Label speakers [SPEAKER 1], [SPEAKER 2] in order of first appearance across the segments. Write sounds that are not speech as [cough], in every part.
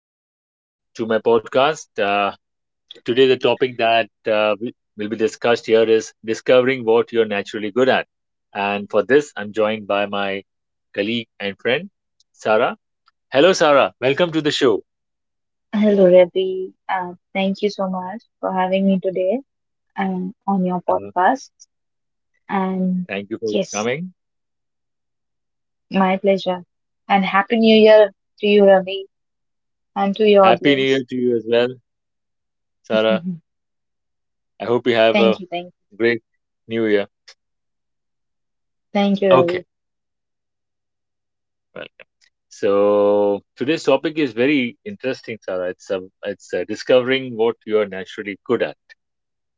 [SPEAKER 1] back to my podcast. Today, the topic that will be discussed here is discovering what you're naturally good at. And for this, I'm joined by my colleague and friend, Sarah. Hello, Sarah. Welcome to the show.
[SPEAKER 2] Hello, Ravi. Thank you so much for having me today on your
[SPEAKER 1] Hello.
[SPEAKER 2] podcast. And
[SPEAKER 1] Thank you for
[SPEAKER 2] yes,
[SPEAKER 1] coming.
[SPEAKER 2] my pleasure. And Happy New Year to you, Ravi, and to your
[SPEAKER 1] Happy New Year
[SPEAKER 2] audience.
[SPEAKER 1] to you as well, Sarah.
[SPEAKER 2] [laughs]
[SPEAKER 1] I hope you have
[SPEAKER 2] Thank
[SPEAKER 1] a
[SPEAKER 2] you, thank you.
[SPEAKER 1] great New Year.
[SPEAKER 2] Thank you,
[SPEAKER 1] Okay.
[SPEAKER 2] Ravi.
[SPEAKER 1] Well. So today's topic is very interesting, Sarah. It's Discovering what you are naturally good at.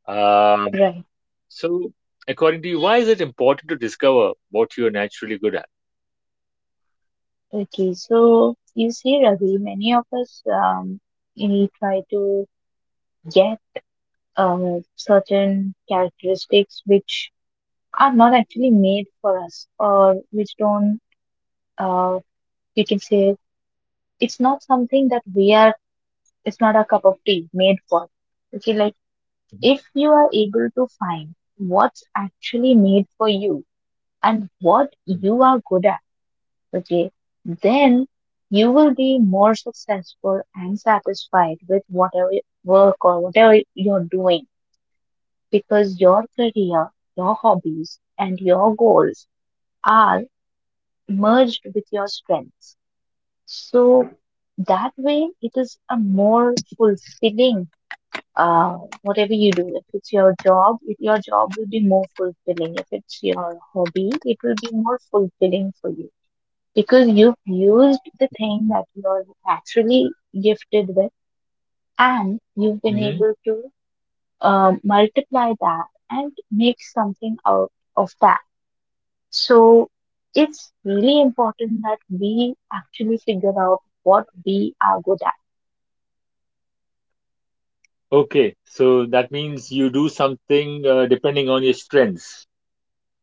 [SPEAKER 1] Um,
[SPEAKER 2] Right.
[SPEAKER 1] so according to you, why is it important to discover what you are naturally good at?
[SPEAKER 2] Okay, so you see, Ravi, many of us we try to get uh, certain characteristics which are not actually made for us or which don't, uh, you can say, it's not something that we are it's not a cup of tea made for okay like if you are able to find what's actually made for you and what
[SPEAKER 1] Mm-hmm.
[SPEAKER 2] you are good at okay then you will be more successful and satisfied with whatever work or whatever you're doing because your career your hobbies and your goals are merged with your strengths so that way it is a more fulfilling uh, whatever you do, if it's your job, if your job will be more fulfilling. If it's your hobby, it will be more fulfilling for you because you've used the thing that you're naturally gifted with and you've been able to multiply that and make something out of that. So it's really important that we actually figure out what we are good at.
[SPEAKER 1] Okay, so that means you do something depending on your strengths.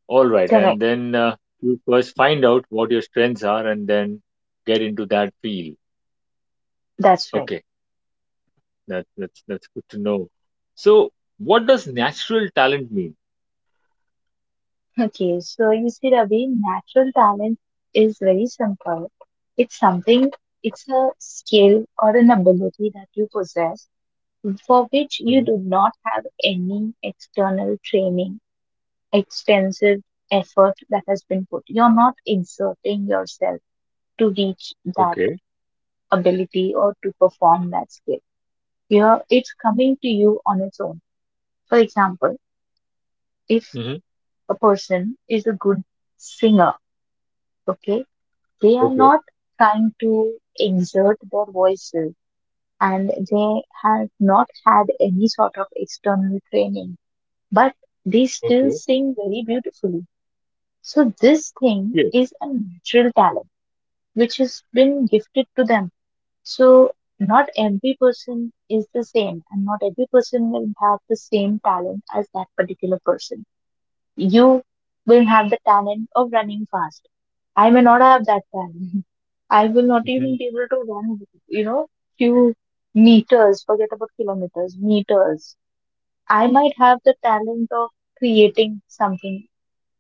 [SPEAKER 1] All right, and
[SPEAKER 2] Correct.
[SPEAKER 1] then you first find out what your strengths are, and then get into that field.
[SPEAKER 2] That's right.
[SPEAKER 1] Okay, that's good to know. So, what does natural talent mean?
[SPEAKER 2] Okay, so you see, Ravi, natural talent is very simple. It's something, it's a skill or an ability that you possess for which you
[SPEAKER 1] Hmm.
[SPEAKER 2] do not have any external training, extensive effort that has been put. You're not exerting yourself to reach that ability or to perform that skill. You're, it's coming to you on its own. For example, if
[SPEAKER 1] Hmm.
[SPEAKER 2] a person is a good singer, okay. They are
[SPEAKER 1] Okay.
[SPEAKER 2] not trying to exert their voices and they have not had any sort of external training, but they still
[SPEAKER 1] Okay.
[SPEAKER 2] sing very beautifully. So, this thing
[SPEAKER 1] Yes.
[SPEAKER 2] is a natural talent which has been gifted to them. So, not every person is the same, and not every person will have the same talent as that particular person you will have the talent of running fast. I may not have that talent. [laughs] I will not
[SPEAKER 1] Hmm.
[SPEAKER 2] even be able to run, you know, few meters, forget about kilometers, meters. I might have the talent of creating something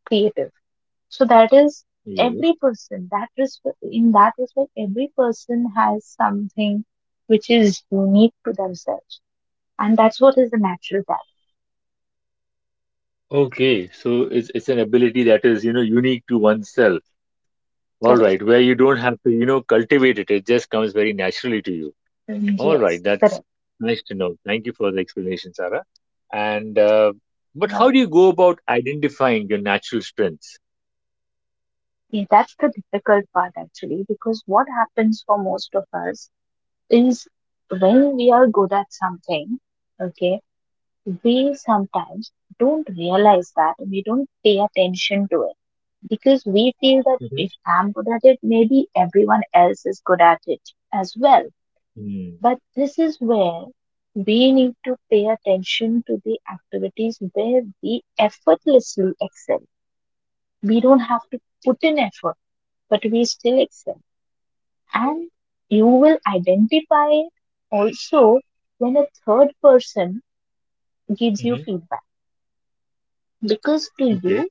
[SPEAKER 2] creative. So that is
[SPEAKER 1] Yes.
[SPEAKER 2] every person, that respect, in that respect, every person has something which is unique to themselves. And that's what is the natural talent.
[SPEAKER 1] Okay, so it's an ability that is, you know, unique to oneself. All
[SPEAKER 2] Correct.
[SPEAKER 1] right, where you don't have to, you know, cultivate it. It just comes very naturally to you.
[SPEAKER 2] Mm,
[SPEAKER 1] All right,
[SPEAKER 2] yes,
[SPEAKER 1] that's
[SPEAKER 2] correct.
[SPEAKER 1] nice to know. Thank you for the explanation, Sarah. And but how do you go about identifying your natural strengths?
[SPEAKER 2] Yeah, that's the difficult part actually, because what happens for most of us is when we are good at something, okay, we sometimes don't realize that we don't pay attention to it because we feel that
[SPEAKER 1] Mm-hmm.
[SPEAKER 2] if I'm good at it, maybe everyone else is good at it as well. But this is where we need to pay attention to the activities where we effortlessly excel we don't have to put in effort, but we still excel. And you will identify it also when a third person gives you
[SPEAKER 1] Mm-hmm.
[SPEAKER 2] feedback. Because to
[SPEAKER 1] Okay.
[SPEAKER 2] you,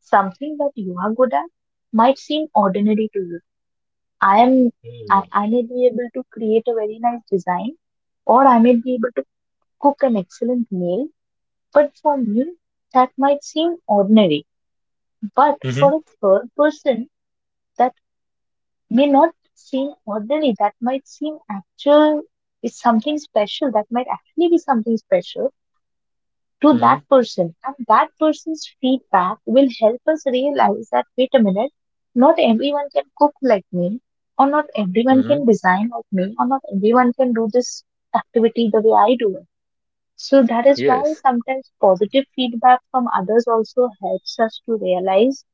[SPEAKER 2] something that you are good at might seem ordinary to you. I am I,
[SPEAKER 1] Mm-hmm.
[SPEAKER 2] I may be able to create a very nice design or I may be able to cook an excellent meal, but for me that might seem ordinary. But for a third person, that may not seem ordinary. That might seem actual is something special. That might actually be something special to
[SPEAKER 1] Mm-hmm.
[SPEAKER 2] that person. And that person's feedback will help us realize that wait a minute, not everyone can cook like me, or not everyone
[SPEAKER 1] Mm-hmm.
[SPEAKER 2] can design like me, or not everyone can do this activity the way I do it. So that is why
[SPEAKER 1] Yes.
[SPEAKER 2] sometimes positive feedback from others also helps us to realize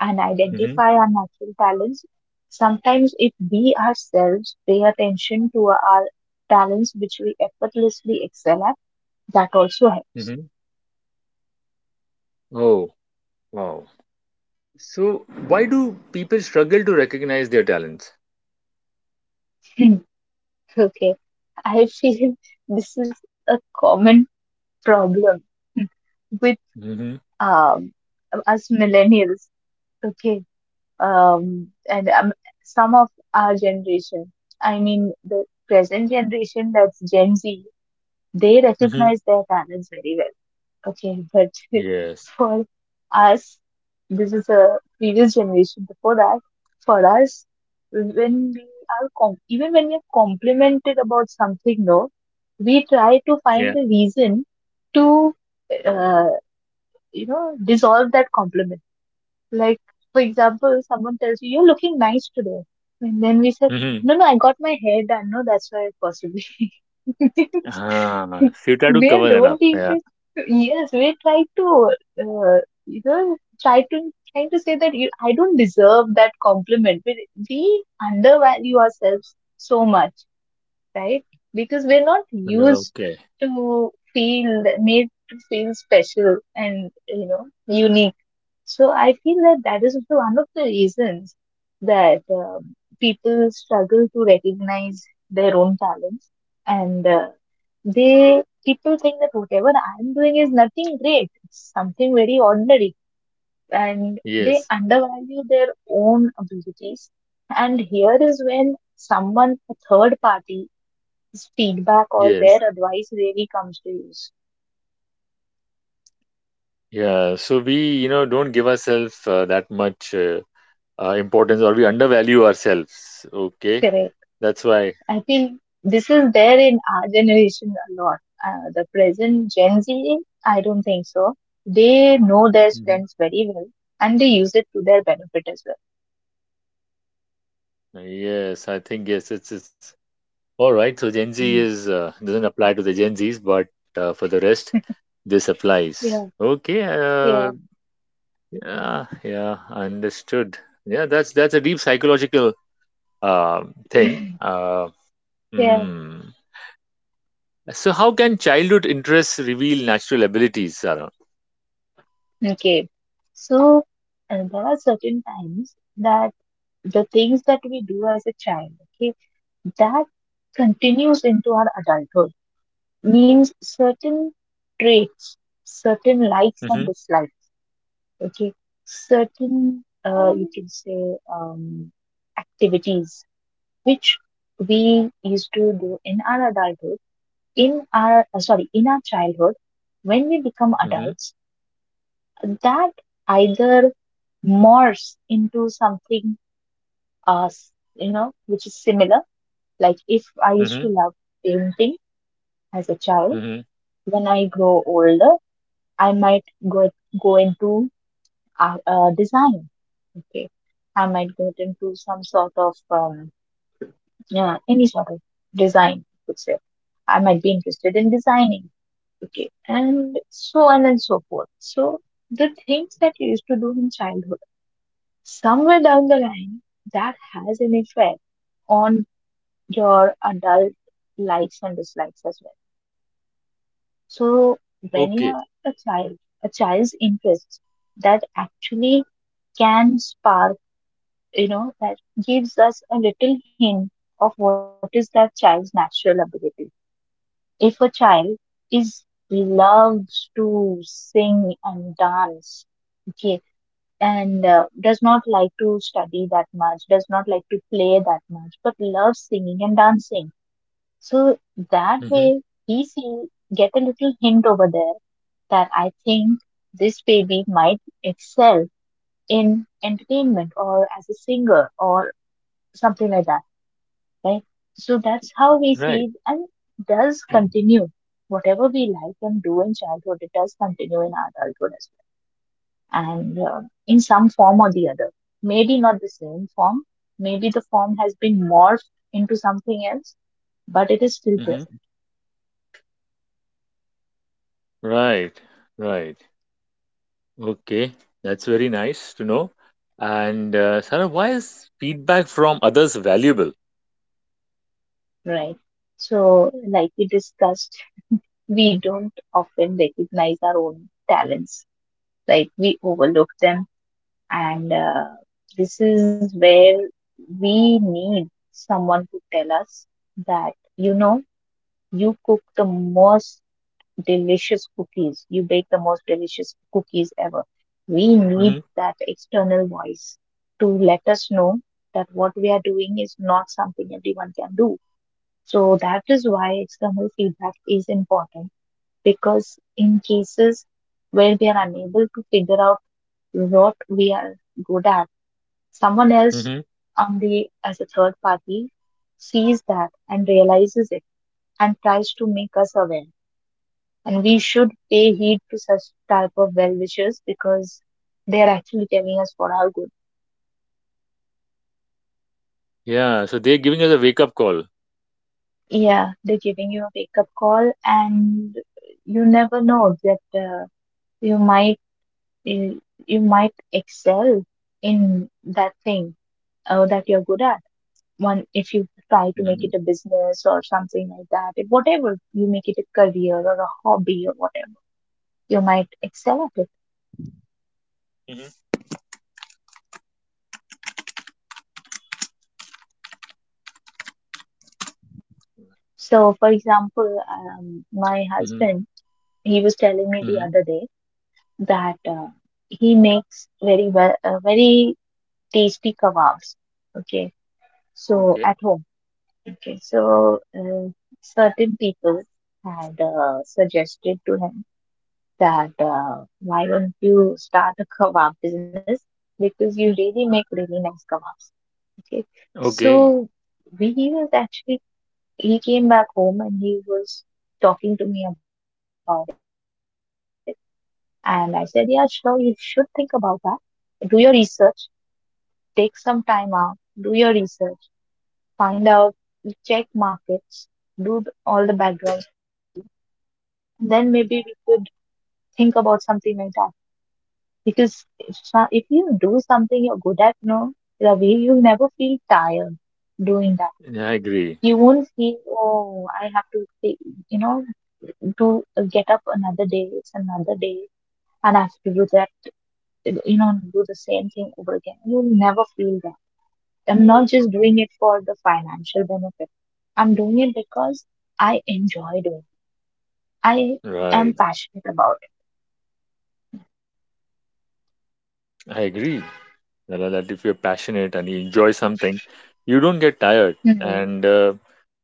[SPEAKER 2] and
[SPEAKER 1] Mm-hmm.
[SPEAKER 2] identify our natural talents. Sometimes, if we ourselves pay attention to our talents which we effortlessly excel at, that also helps.
[SPEAKER 1] Mm-hmm.
[SPEAKER 2] [laughs]
[SPEAKER 1] Oh, wow. So, why do people struggle to recognize their talents?
[SPEAKER 2] Hmm, okay, I feel [laughs] this is a common problem with
[SPEAKER 1] Mm-hmm.
[SPEAKER 2] um, us millennials. Okay, and some of our generation, I mean the present generation, that's Gen Z, they
[SPEAKER 1] Mm-hmm.
[SPEAKER 2] recognize their talents very well. Okay, but [laughs]
[SPEAKER 1] Yes.
[SPEAKER 2] for us, this is a previous generation. Before that, for us, when we are even when we are complimented about something, no, we try to find
[SPEAKER 1] Yeah.
[SPEAKER 2] a reason to, uh, you know, dissolve that compliment. Like, for example, someone tells you, you're looking nice today. And then we said,
[SPEAKER 1] Mm-hmm.
[SPEAKER 2] no, no, I got my hair done. No, that's why possibly. [laughs]
[SPEAKER 1] Ah, so you try to
[SPEAKER 2] We're
[SPEAKER 1] cover that up.
[SPEAKER 2] don't
[SPEAKER 1] Yeah.
[SPEAKER 2] even, yes, we try to, uh, you know, trying to say that you, I don't deserve that compliment. We undervalue ourselves so much, right? Because we're not used
[SPEAKER 1] Okay.
[SPEAKER 2] to feel, made to feel special and, you know, unique so I feel that that is also one of the reasons that people struggle to recognize their own talents, and they people think that whatever I'm doing is nothing great, it's something very ordinary, and they
[SPEAKER 1] Yes.
[SPEAKER 2] undervalue their own abilities. And here is when someone, a third party's feedback or their
[SPEAKER 1] Yes.
[SPEAKER 2] advice really comes to use.
[SPEAKER 1] Yeah. So we, you know, don't give ourselves that much importance, or we undervalue ourselves. Okay.
[SPEAKER 2] Correct?
[SPEAKER 1] That's why.
[SPEAKER 2] I think this is there in our generation a lot. The present Gen Z, I don't think so. They know their
[SPEAKER 1] Mhm.
[SPEAKER 2] strengths very well and they use it to their benefit as well.
[SPEAKER 1] Yes, I think yes, it's all right. So Gen Z
[SPEAKER 2] Mm.
[SPEAKER 1] is doesn't apply to the Gen Zs, but for the rest, this applies. Okay.
[SPEAKER 2] Yeah,
[SPEAKER 1] Yeah, yeah, understood. Yeah, that's a deep psychological thing.
[SPEAKER 2] yeah, yeah.
[SPEAKER 1] Mm. So how can childhood interests reveal natural abilities, Sarah?
[SPEAKER 2] Okay. So there are certain times that the things that we do as a child, okay, that continues into our adulthood. Means certain traits, certain likes and
[SPEAKER 1] Mm-hmm,
[SPEAKER 2] dislikes okay certain you can say um, activities which we used to do in our adulthood in our sorry in our childhood when we become
[SPEAKER 1] mm-hmm,
[SPEAKER 2] adults that either morphs into something you know which is similar like if I used
[SPEAKER 1] mm-hmm,
[SPEAKER 2] to love painting as a child
[SPEAKER 1] mm-hmm.
[SPEAKER 2] when I grow older I might go go into design. Okay, I might get into some sort of yeah, any sort of design. I could say I might be interested in designing. Okay, and so on and so forth. So the things that you used to do in childhood, somewhere down the line, that has an effect on your adult likes and dislikes as well. So when
[SPEAKER 1] Okay.
[SPEAKER 2] you're a child, a child's interests that actually can spark you know, that gives us a little hint of what is that child's natural ability. If a child is loves to sing and dance, okay, and does not like to study that much, does not like to play that much, but loves singing and dancing. So that
[SPEAKER 1] Mm-hmm.
[SPEAKER 2] way we see get a little hint over there that I think this baby might excel in entertainment or as a singer or something like that right? So that's how we see
[SPEAKER 1] Right.
[SPEAKER 2] it and does continue. Whatever we like and do in childhood, it does continue in adulthood as well. And in some form or the other, maybe not the same form, maybe the form has been morphed into something else, but it is still
[SPEAKER 1] Mm-hmm.
[SPEAKER 2] present,
[SPEAKER 1] Right. Right. Okay. That's very nice to know. And Sarah, why is feedback from others valuable?
[SPEAKER 2] right? So, like we discussed, we don't often recognize our own talents, like we overlook them and this is where we need someone to tell us that you know you cook the most delicious cookies you bake the most delicious cookies ever we need
[SPEAKER 1] Mm-hmm.
[SPEAKER 2] that external voice to let us know that what we are doing is not something everyone can do so that is why external feedback is important because in cases where we are unable to figure out what we are good at someone else
[SPEAKER 1] Mm-hmm.
[SPEAKER 2] on the as a third party sees that and realizes it and tries to make us aware. And we should pay heed to such type of well wishes because they are actually telling us for our good.
[SPEAKER 1] Yeah, so they're giving us a wake-up call.
[SPEAKER 2] Yeah, they're giving you a wake up call, and you never know that you might you, you might excel in that thing that you're good at. One if you try to make
[SPEAKER 1] Mm-hmm.
[SPEAKER 2] it a business or something like that if whatever you make it a career or a hobby or whatever you might excel at it so for example my
[SPEAKER 1] Mm-hmm.
[SPEAKER 2] husband he was telling me the
[SPEAKER 1] Mm-hmm.
[SPEAKER 2] other day that he makes very well very tasty kebabs okay so
[SPEAKER 1] Okay.
[SPEAKER 2] at home okay so certain people had suggested to him that why don't you start a kebab business because you really make really nice kebabs. Okay,
[SPEAKER 1] Okay,
[SPEAKER 2] so we he was actually he came back home and he was talking to me about it, and I said, yeah, sure, you should think about that. Do your research, take some time out, do your research, find out, check markets, do all the background study, and then maybe we could think about something like that because if you do something you're good at, no, Ravi, you'll never feel tired doing that.
[SPEAKER 1] yeah, I agree.
[SPEAKER 2] You won't feel, oh, I have to, stay, you know, to get up another day, it's another day, and I have to do that, do the same thing over again. You'll never feel that. I'm not just doing it for the financial benefit. I'm doing it because I enjoy doing it. I
[SPEAKER 1] Right,
[SPEAKER 2] am passionate about
[SPEAKER 1] I agree. Nala, that if you're passionate and you enjoy something, you don't get
[SPEAKER 2] it. Hmm.
[SPEAKER 1] tired, and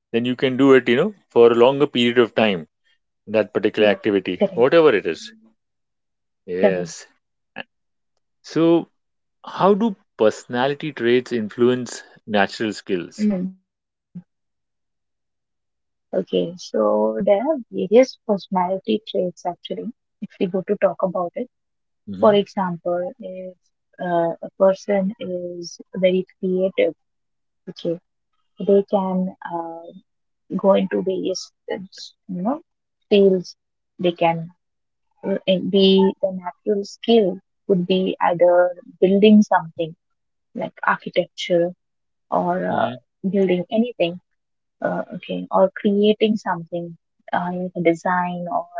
[SPEAKER 2] You don't
[SPEAKER 1] then you can do it, you know, for a longer period of time, that particular activity,
[SPEAKER 2] get that.
[SPEAKER 1] whatever
[SPEAKER 2] Correct.
[SPEAKER 1] it is. Yes.
[SPEAKER 2] Correct.
[SPEAKER 1] A- So, how do personality traits influence natural
[SPEAKER 2] Mm.
[SPEAKER 1] skills?
[SPEAKER 2] Okay, so there are various personality traits actually, if we go to talk about it. For
[SPEAKER 1] Mm-hmm.
[SPEAKER 2] example, if a person is very creative, okay, they can go into various, fields. They can the natural skill would be either building something like architecture or
[SPEAKER 1] Mm-hmm.
[SPEAKER 2] building anything okay, or creating something, like a design, or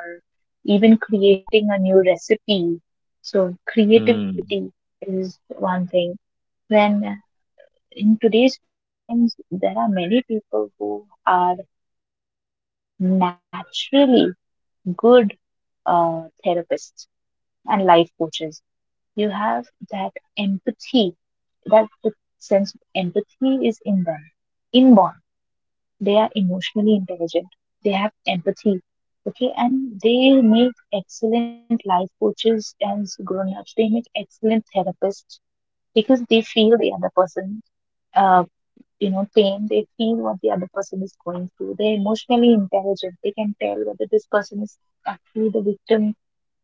[SPEAKER 2] even creating a new recipe. So,
[SPEAKER 1] Mm-hmm.
[SPEAKER 2] creativity is one thing. When in today's times, there are many people who are naturally good uh, therapists and life coaches. You have that empathy, that the sense of empathy is in them, inborn, they are emotionally intelligent, they have empathy, okay, and they make excellent life coaches, and grown-ups, they make excellent therapists, because they feel the other person, uh, pain, they feel what the other person is going through. They're emotionally intelligent, they can tell whether this person is actually the victim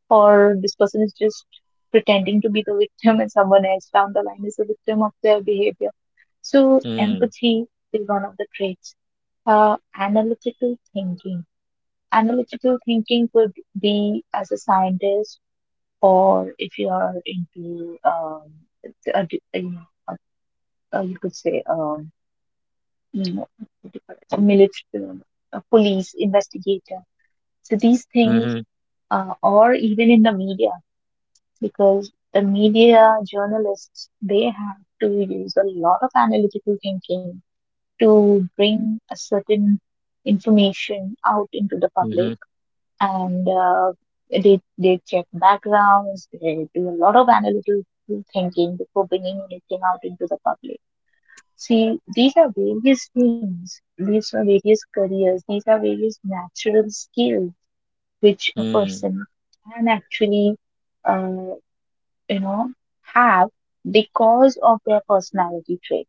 [SPEAKER 2] or this person is just pretending to be the [laughs] victim, and someone else down the line is the victim of their behavior. So, empathy is one of the traits. Analytical thinking. Analytical thinking could be as a scientist, or if you are into, a, a- you know, you could say, you know, what do you call it? A military, a police investigator. So these things,
[SPEAKER 1] Mm-hmm.
[SPEAKER 2] or even in the media, because the media journalists, they have to use a lot of analytical thinking to bring a certain information out into the
[SPEAKER 1] Mm-hmm.
[SPEAKER 2] public. And they check backgrounds, they do a lot of analytical thinking before bringing anything out into the public. See, these are various things, these are various careers, these are various natural skills which a
[SPEAKER 1] Mm.
[SPEAKER 2] person can actually, uh, you know, have because of their personality trait.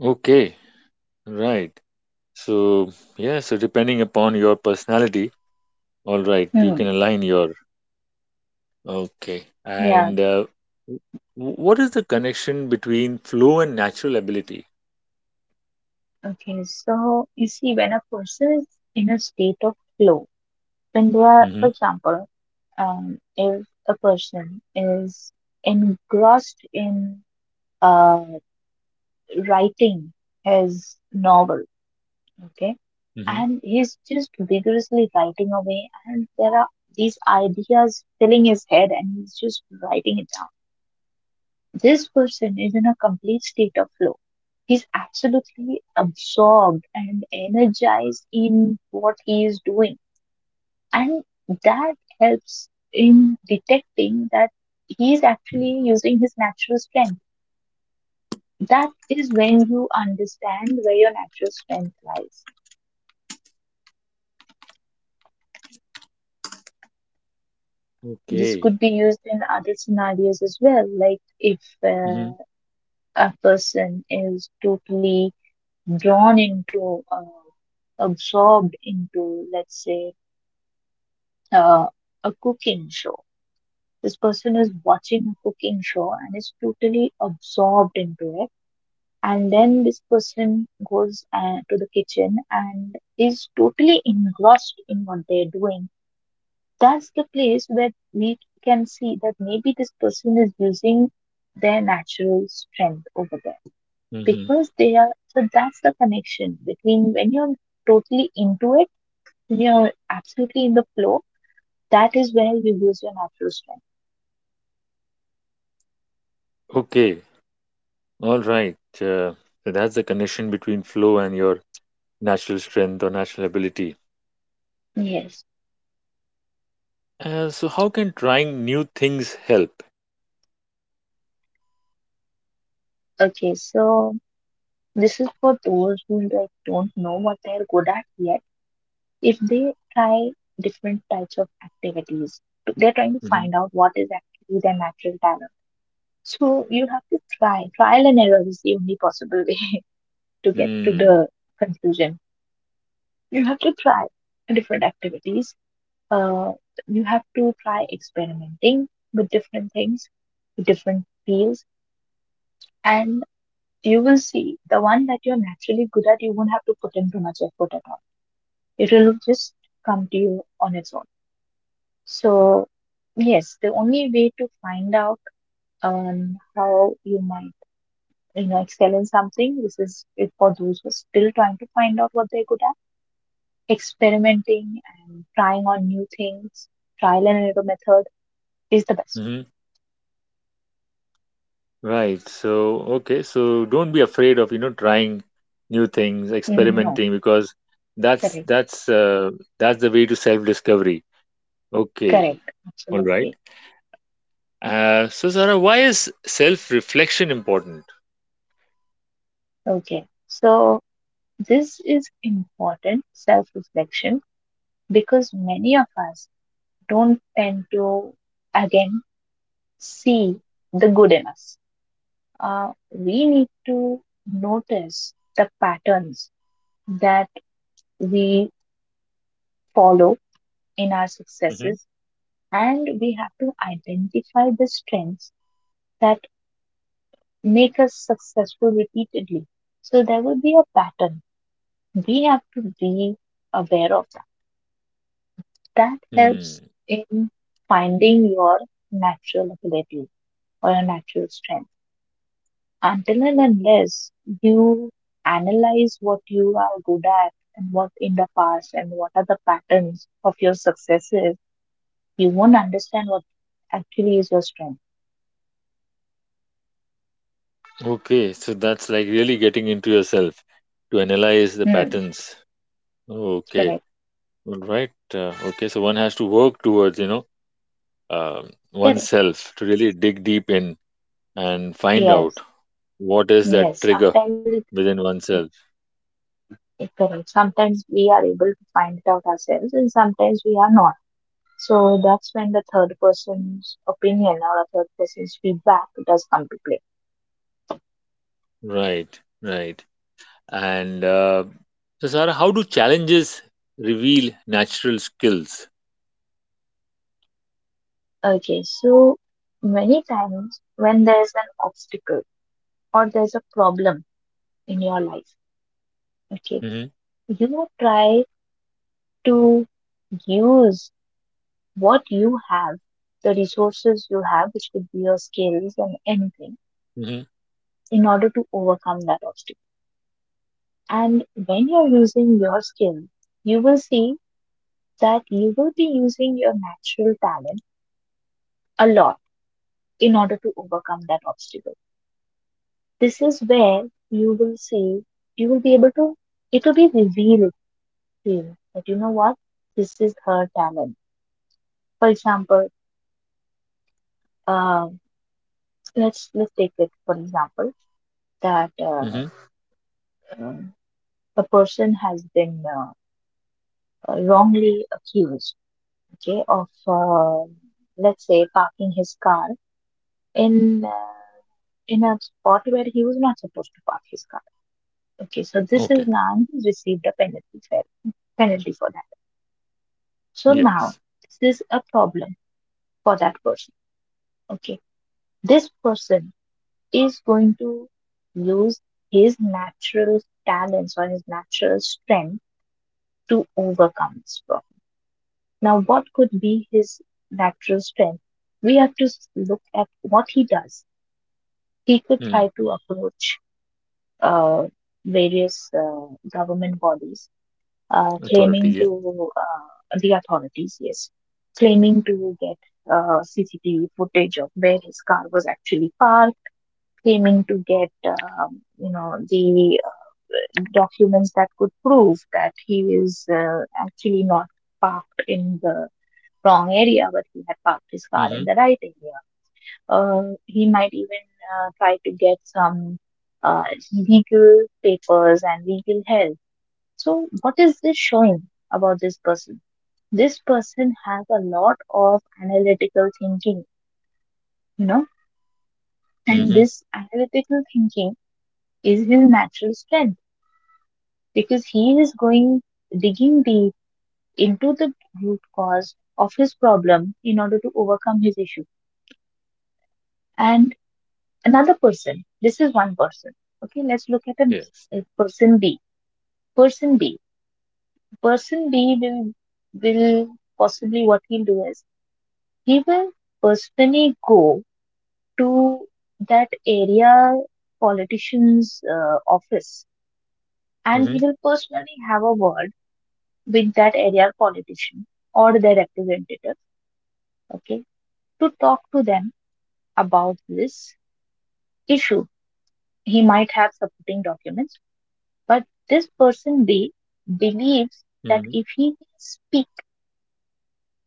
[SPEAKER 1] Okay, right. So, yeah, so depending upon your personality, all right, you
[SPEAKER 2] Hmm.
[SPEAKER 1] can align your. Okay.
[SPEAKER 2] Yeah.
[SPEAKER 1] And w- what is the connection between flow and natural ability?
[SPEAKER 2] Okay, so you see, when a person is in a state of flow, when they are, for
[SPEAKER 1] Mm-hmm.
[SPEAKER 2] example, if a person is engrossed in uh, writing his novel, okay,
[SPEAKER 1] Mm-hmm.
[SPEAKER 2] and he's just vigorously writing away, and there are these ideas filling his head, and he's just writing it down. This person is in a complete state of flow. He's absolutely absorbed and energized in what he is doing. And that helps in detecting that he is actually using his natural strength. That is when you understand where your natural strength lies. This
[SPEAKER 1] Okay.
[SPEAKER 2] could be used in other scenarios as well, like if
[SPEAKER 1] Mm-hmm.
[SPEAKER 2] uh, a person is totally drawn into, absorbed into, let's say, uh, a cooking show. This person is watching a cooking show and is totally absorbed into it. And then this person goes to the kitchen and is totally engrossed in what they're doing. That's the place where we can see that maybe this person is using their natural strength over there,
[SPEAKER 1] Mm-hmm.
[SPEAKER 2] because they are. So that's the connection, between when you're totally into it, when you're absolutely in the flow. That is where you use your natural strength.
[SPEAKER 1] Okay. All right. So that's the connection between flow and your natural strength or natural ability.
[SPEAKER 2] Yes.
[SPEAKER 1] So how can trying new things help?
[SPEAKER 2] Okay, so this is for those who like don't know what they're good at yet. If they try different types of activities, they're trying to
[SPEAKER 1] Mm-hmm.
[SPEAKER 2] find out what is actually their natural talent. So you have to try. Trial and error is the only possible [laughs] way to get to
[SPEAKER 1] Mm-hmm.
[SPEAKER 2] the conclusion. You have to try different activities, uh, you have to try experimenting with different things, with different fields, and you will see the one that you're naturally good at, you won't have to put in too much effort at all. It will just come to you on its own. So, yes, the only way to find out, how you might, you know, excel in something, this is it. For those who are still trying to find out what they're good at, experimenting and trying on new things, trial and error method is the best.
[SPEAKER 1] Mm-hmm. Right. So, okay. So don't be afraid of, you know, trying new things,
[SPEAKER 2] No.
[SPEAKER 1] experimenting, because that's
[SPEAKER 2] Correct,
[SPEAKER 1] that's uh, that's the way to self-discovery. Okay.
[SPEAKER 2] correct,
[SPEAKER 1] All right.
[SPEAKER 2] absolutely.
[SPEAKER 1] So, Sarah, why is self-reflection important?
[SPEAKER 2] Okay, so this is important, self reflection, because many of us don't tend to, again, see the good in us. We need to notice the patterns that we follow in our
[SPEAKER 1] Hmm.
[SPEAKER 2] successes, and we have to identify the strengths that make us successful repeatedly. So there would be a pattern, we have to be aware of that. That
[SPEAKER 1] Hmm.
[SPEAKER 2] helps in finding your natural ability or your natural strength. Until and unless you analyze what you are good at and what in the past and what are the patterns of your successes, you won't understand what actually is your strength.
[SPEAKER 1] Okay. So that's like really getting into yourself to analyze the
[SPEAKER 2] Hmm.
[SPEAKER 1] patterns. Okay.
[SPEAKER 2] Correct.
[SPEAKER 1] All right. Okay. So one has to work towards, you know,
[SPEAKER 2] Correct.
[SPEAKER 1] oneself to really dig deep in and find out
[SPEAKER 2] Yes.
[SPEAKER 1] what is that
[SPEAKER 2] Yes.
[SPEAKER 1] trigger
[SPEAKER 2] Sometimes it,
[SPEAKER 1] within oneself.
[SPEAKER 2] it correct. Sometimes we are able to find it out ourselves and sometimes we are not. So that's when the third person's opinion or a third person's feedback does come to play.
[SPEAKER 1] Right, right. And so, Sarah, how do challenges reveal natural skills?
[SPEAKER 2] Okay, so many times when there's an obstacle or there's a problem in your life, okay,
[SPEAKER 1] Mm-hmm,
[SPEAKER 2] you try to use what you have, the resources you have, which could be your skills and anything,
[SPEAKER 1] mm-hmm,
[SPEAKER 2] in order to overcome that obstacle. And when you're using your skill, you will see that you will be using your natural talent a lot in order to overcome that obstacle. This is where you will see, you will be able to, it will be revealed to you that, you know what, this is her talent. For example, uh, let's take it for example that
[SPEAKER 1] mm-hmm.
[SPEAKER 2] uh, a person has been wrongly accused, okay, of let's say parking his car in uh, in a spot where he was not supposed to park his car. Okay, so this
[SPEAKER 1] Okay.
[SPEAKER 2] is Nand who's received a penalty for penalty for that. So
[SPEAKER 1] Yes.
[SPEAKER 2] now this is a problem for that person. Okay, this person is going to use his natural talents or his natural strength to overcome this problem. Now, what could be his natural strength? We have to look at what he does. He could
[SPEAKER 1] Mm.
[SPEAKER 2] try to approach uh, various government bodies,
[SPEAKER 1] Authority.
[SPEAKER 2] claiming
[SPEAKER 1] Yeah.
[SPEAKER 2] to, the authorities, yes, claiming to get CCTV footage of where his car was actually parked, claiming to get, um, the, documents that could prove that he is actually not parked in the wrong area, but he had parked his car
[SPEAKER 1] Mm-hmm,
[SPEAKER 2] in the right area. He might even try to get some uh, legal papers and legal help. So, what is this showing about this person? This person has a lot of analytical thinking, you know, and
[SPEAKER 1] mm-hmm.
[SPEAKER 2] this analytical thinking is his natural strength, because he is going digging deep into the root cause of his problem in order to overcome his issue. And another person, this is one person. Okay, let's look at a,
[SPEAKER 1] Yes.
[SPEAKER 2] person B. Person B. Person B will possibly, what he'll do is, he will personally go to that area politician's office, and
[SPEAKER 1] Mm-hmm,
[SPEAKER 2] he will personally have a word with that area politician or their representative, okay, to talk to them about this issue. He might have supporting documents, but this person B believes that
[SPEAKER 1] mm-hmm.
[SPEAKER 2] if he speak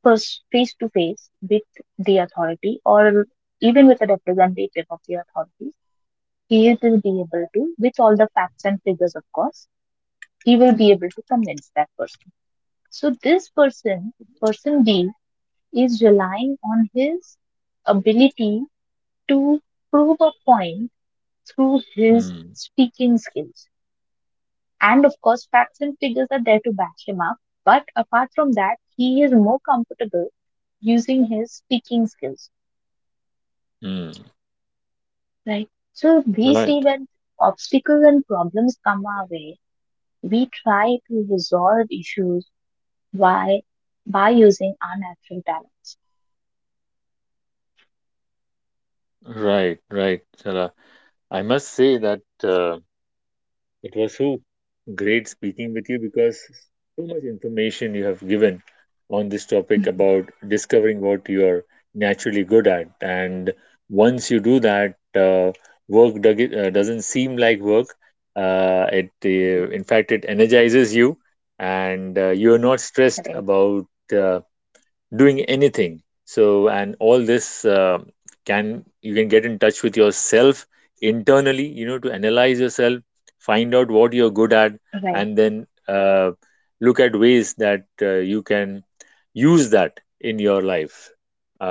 [SPEAKER 2] first face to face with the authority or even with a representative of the authority, he will be able to, with all the facts and figures, of course, he will be able to convince that person. So this person, person D, is relying on his ability to prove a point through his speaking skills. And of course, facts and figures are there to back him up. But apart from that, he is more comfortable using his speaking skills,
[SPEAKER 1] Mm-hmm.
[SPEAKER 2] right? So we see,
[SPEAKER 1] Right,
[SPEAKER 2] when obstacles and problems come our way, we try to resolve issues. Why? By using our natural talents.
[SPEAKER 1] right, right, Sarah. I must say that. It was so great speaking with you because so much information you have given on this topic
[SPEAKER 2] Mhm.
[SPEAKER 1] about discovering what you're naturally good at. And once you do that, work doesn't seem like work. In fact, it energizes you, and you're not stressed
[SPEAKER 2] Right,
[SPEAKER 1] about. Uh, Doing anything. So, and all this can you can get in touch with yourself internally, you know, to analyze yourself, find out what you're good at,
[SPEAKER 2] right,
[SPEAKER 1] and then look at ways that you can use that in your life.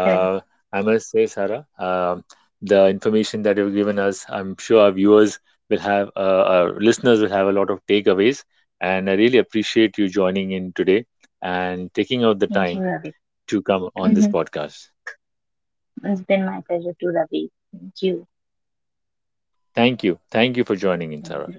[SPEAKER 2] correct.
[SPEAKER 1] I must say, Sarah, the information that you've given us, I'm sure our viewers will have, our listeners will have a lot of takeaways. And I really appreciate you joining in today and taking out the
[SPEAKER 2] Thank you,
[SPEAKER 1] time
[SPEAKER 2] Ravi.
[SPEAKER 1] to come on this
[SPEAKER 2] Hmm.
[SPEAKER 1] podcast.
[SPEAKER 2] It's been my pleasure to, Ravi. Thank you.
[SPEAKER 1] Thank you. Thank you for joining in, Sarah.
[SPEAKER 2] Mhm.